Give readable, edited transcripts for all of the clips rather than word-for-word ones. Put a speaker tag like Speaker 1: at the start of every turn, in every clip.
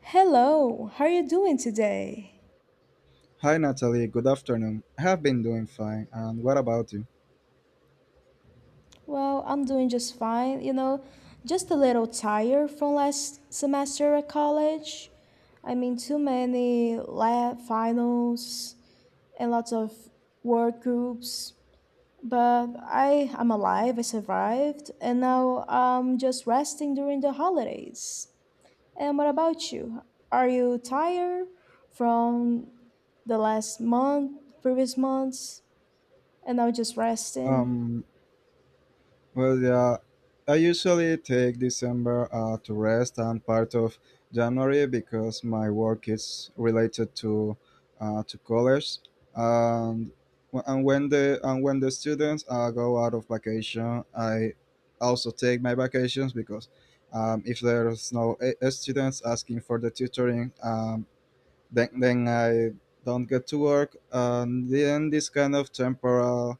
Speaker 1: Hello, how are you doing today?
Speaker 2: Hi Natalie, good afternoon. I have been doing fine, and what about you?
Speaker 1: Well, I'm doing just fine, you know, just a little tired from last semester at college. I mean, too many lab finals and lots of work groups. But I am alive, I survived, and now I'm just resting during the holidays. And what about you? Are you tired from the last month, previous months? And I would just resting.
Speaker 2: Um, well, yeah, I usually take December to rest and part of January because my work is related to college, and when the students go out of vacation, I also take my vacations because if there's no a- a students asking for the tutoring. Then I don't get to work, and then this kind of temporal.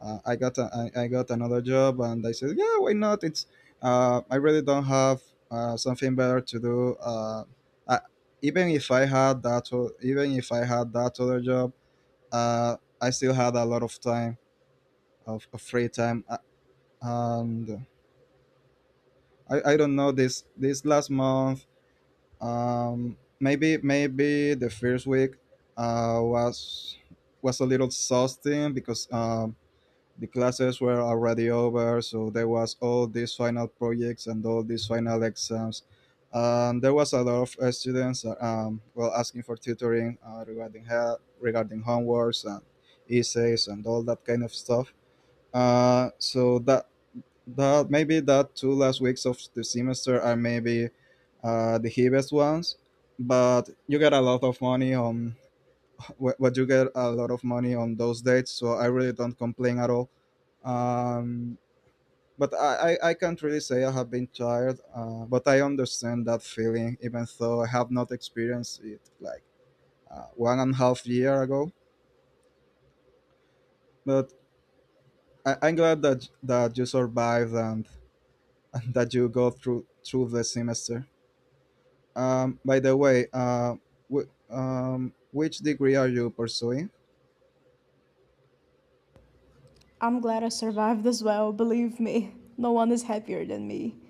Speaker 2: Uh, I got a, I got another job, and I said, yeah, why not? It's I really don't have something better to do. I, even if I had that, o- Even if I had that other job, I still had a lot of time of free time, and I don't know this last month. Maybe the first week uh, was was a little exhausting because the classes were already over, so there was all these final projects and all these final exams. There was a lot of students well asking for tutoring regarding help, regarding homeworks and essays and all that kind of stuff. So that maybe that two last weeks of the semester are maybe the heaviest ones, but you get a lot of money on what you get a lot of money on those dates. So I really don't complain at all. Um, but I can't really say I have been tired, but I understand that feeling, even though I have not experienced it like 1.5 year ago. But I'm glad that you survived and, and that you go through the semester. By the way, which degree are you pursuing?
Speaker 1: I'm glad I survived as well, believe me. No one is happier than me.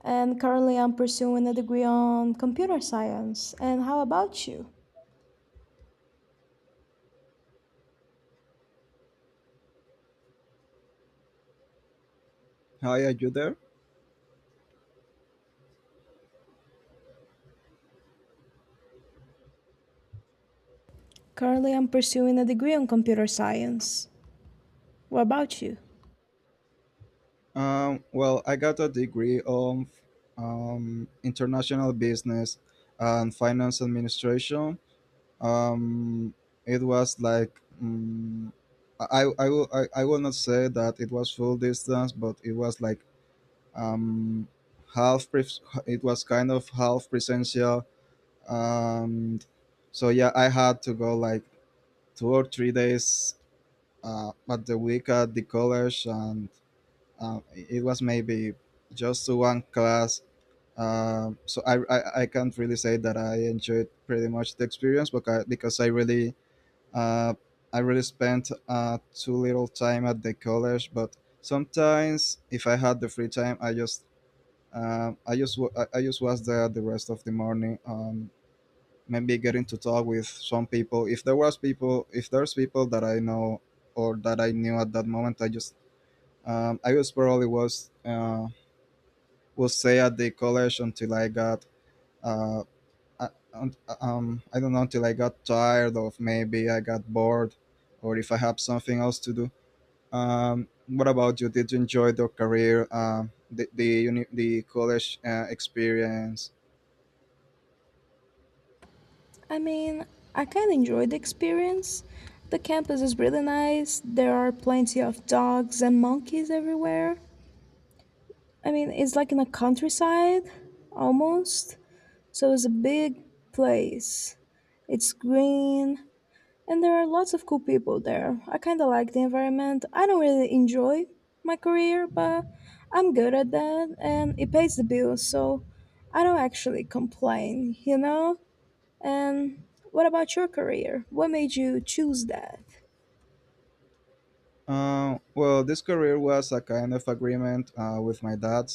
Speaker 1: And currently, I'm pursuing a degree on computer science. And how about you?
Speaker 2: Hi, are you there?
Speaker 1: Currently, I'm pursuing a degree on computer science. What about you?
Speaker 2: Well, I got a degree on, international business and finance administration. Um, it was like, I will not say that it was full distance, but it was like, um, half. It was kind of half presential. Um, so yeah, I had to go like 2 or 3 days at the week at the college, and it was maybe just to one class. So I can't really say that I enjoyed pretty much the experience, but because uh, I really spent too little time at the college. But sometimes, if I had the free time, I just was there the rest of the morning. Maybe getting to talk with some people if there's people that I know or that I knew at that moment I just, I was probably was stay at the college until I got uh, I don't know, until I got tired of, maybe I got bored, or if I have something else to do. What about you, did you enjoy the career? The college experience?
Speaker 1: I mean, I kind of enjoy the experience. The campus is really nice. There are plenty of dogs and monkeys everywhere. I mean, it's like in a countryside, almost. So it's a big place. It's green and there are lots of cool people there. I kind of like the environment. I don't really enjoy my career, but I'm good at that and it pays the bills, so I don't actually complain, you know? And what about your career? What made you choose that?
Speaker 2: Well, this career was a kind of agreement with my dad.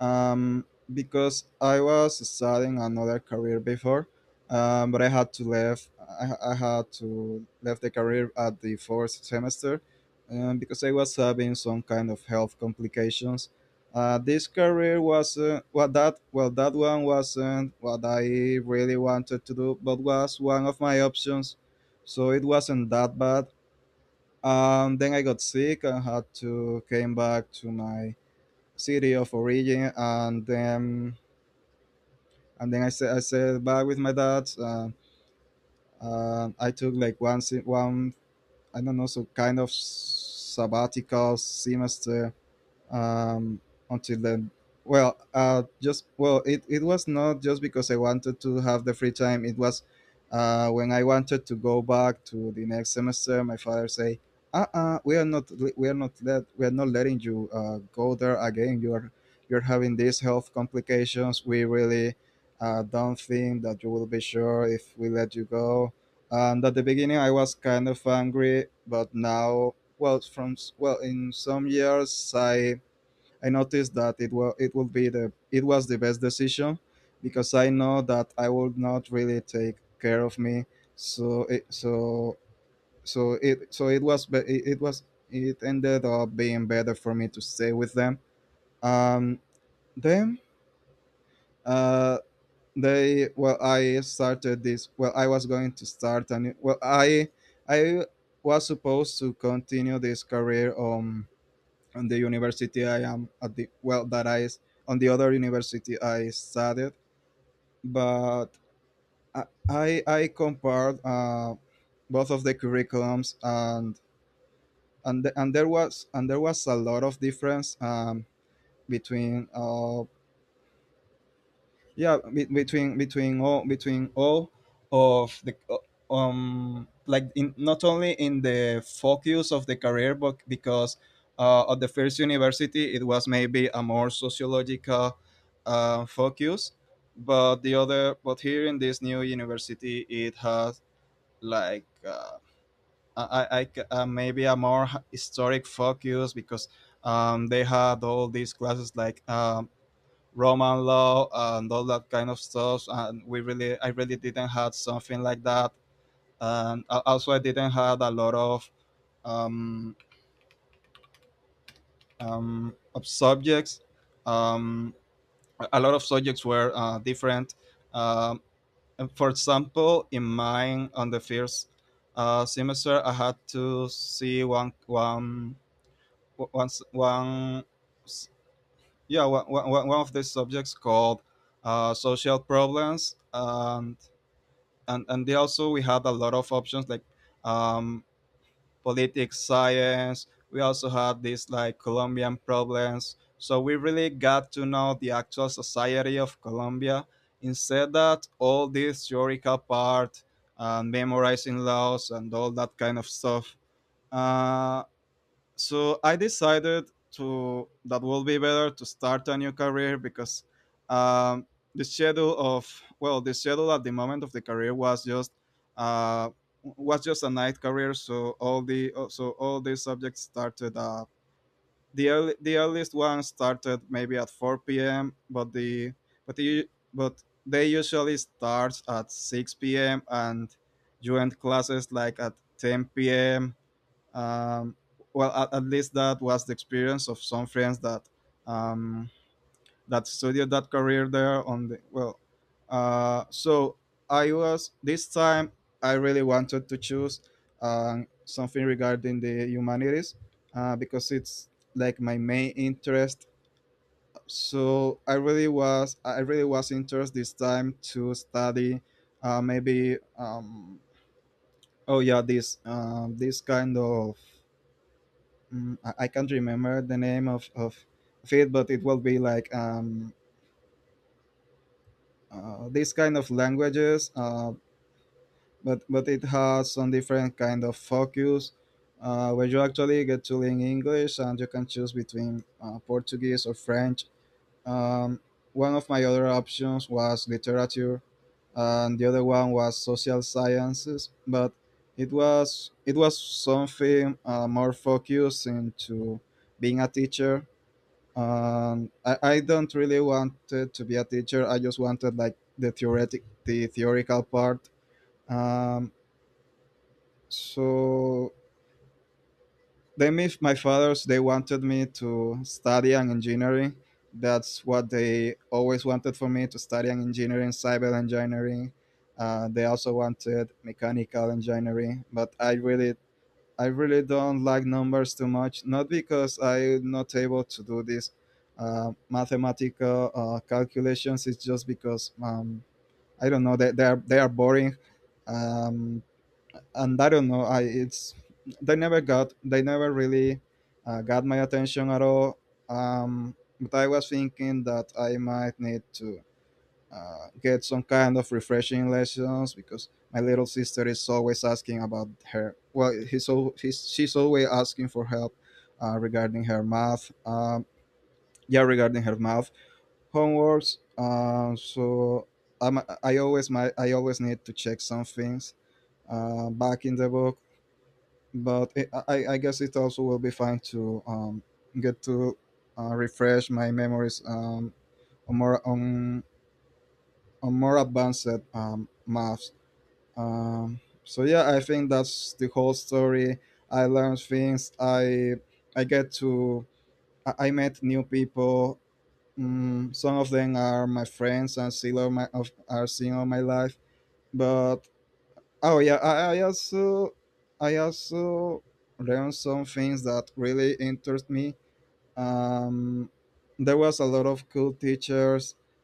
Speaker 2: um, because I was studying another career before, but I had to leave. I had to leave the career at the fourth semester because I was having some kind of health complications. This career was well that one wasn't what I really wanted to do, but was one of my options, so it wasn't that bad. Then I got sick and had to came back to my city of origin, and then I said back with my dad. I took like one, I don't know, so kind of sabbatical semester, um, until then. Well, just, well, it was not just because I wanted to have the free time. It was when I wanted to go back to the next semester. My father say, "We are not letting you go there again. You're having these health complications. We really don't think that you will be sure if we let you go." And at the beginning, I was kind of angry, but now, well, in some years, I noticed that it was the best decision because I know that I will not really take care of me. So it so so it was It ended up being better for me to stay with them. Um, then uh, they, well, I started this, well, I was going to start, and well, I was supposed to continue this career on the university I am at the well that I s- on the other university I studied, but I compared both of the curriculums and the, and there was a lot of difference, between between all of the, like in, not only in the focus of the career, but because at the first university it was maybe a more sociological focus, but the other but here in this new university it has like, maybe a more historic focus because, they had all these classes like, Roman law and all that kind of stuff. And I really didn't have something like that. And also, I didn't have a lot of um, subjects. Um, a lot of subjects were different. Um, and for example, in mine, on the first semester, I had to see one one s- one of the subjects called social problems. And they also we had a lot of options like, um, politics science. We also had these like colombian problems, so we really got to know the actual society of colombia, instead that all this theoretical part and memorizing laws and all that kind of stuff. uh, so I decided to, that will be better to start a new career because, um, the schedule of the schedule at the moment of the career was just, uh, a night career, so all the subjects started, the earliest one started maybe at 4 p.m., but they usually start at 6 p.m., and you end classes like at 10 p.m. um, well, at least that was the experience of some friends that, um, that studied that career there. So I was, this time I really wanted to choose, something regarding the humanities, because it's like my main interest. So I really was interested, this time, to study, maybe oh yeah, this kind of, I can't remember the name of it, but it will be like, these kind of languages, but it has some different kind of focus. Where you actually get to learn English and you can choose between Portuguese or French. Um, One of my other options was literature, and the other one was social sciences. But it was something more focused into being a teacher. I don't really wanted to be a teacher. I just wanted like the theoretical part. Um, so then, if my fathers they wanted me to study an engineering, that's what they always wanted for me to study an engineering, cyber engineering. They also wanted mechanical engineering, but I really don't like numbers too much, not because I'm not able to do these mathematical calculations. It's just because, I don't know, they are boring, um, and I don't know. I it's they never got they never really got my attention at all. Um, but I was thinking that I might need to get some kind of refreshing lessons because my little sister is always asking about her. Well, he's, al- he's she's always asking for help regarding her math. Yeah, regarding her math homeworks. So I always need to check some things back in the book. But I guess it also will be fine to, get to, refresh my memories, on more on, on more advanced, maths. So yeah, I think that's the whole story. I learned things. I get to I met new people, some of them are my friends and still all my are seeing all my life, but, oh yeah, I also learned some things that really interest me. um there was a lot of cool teachers,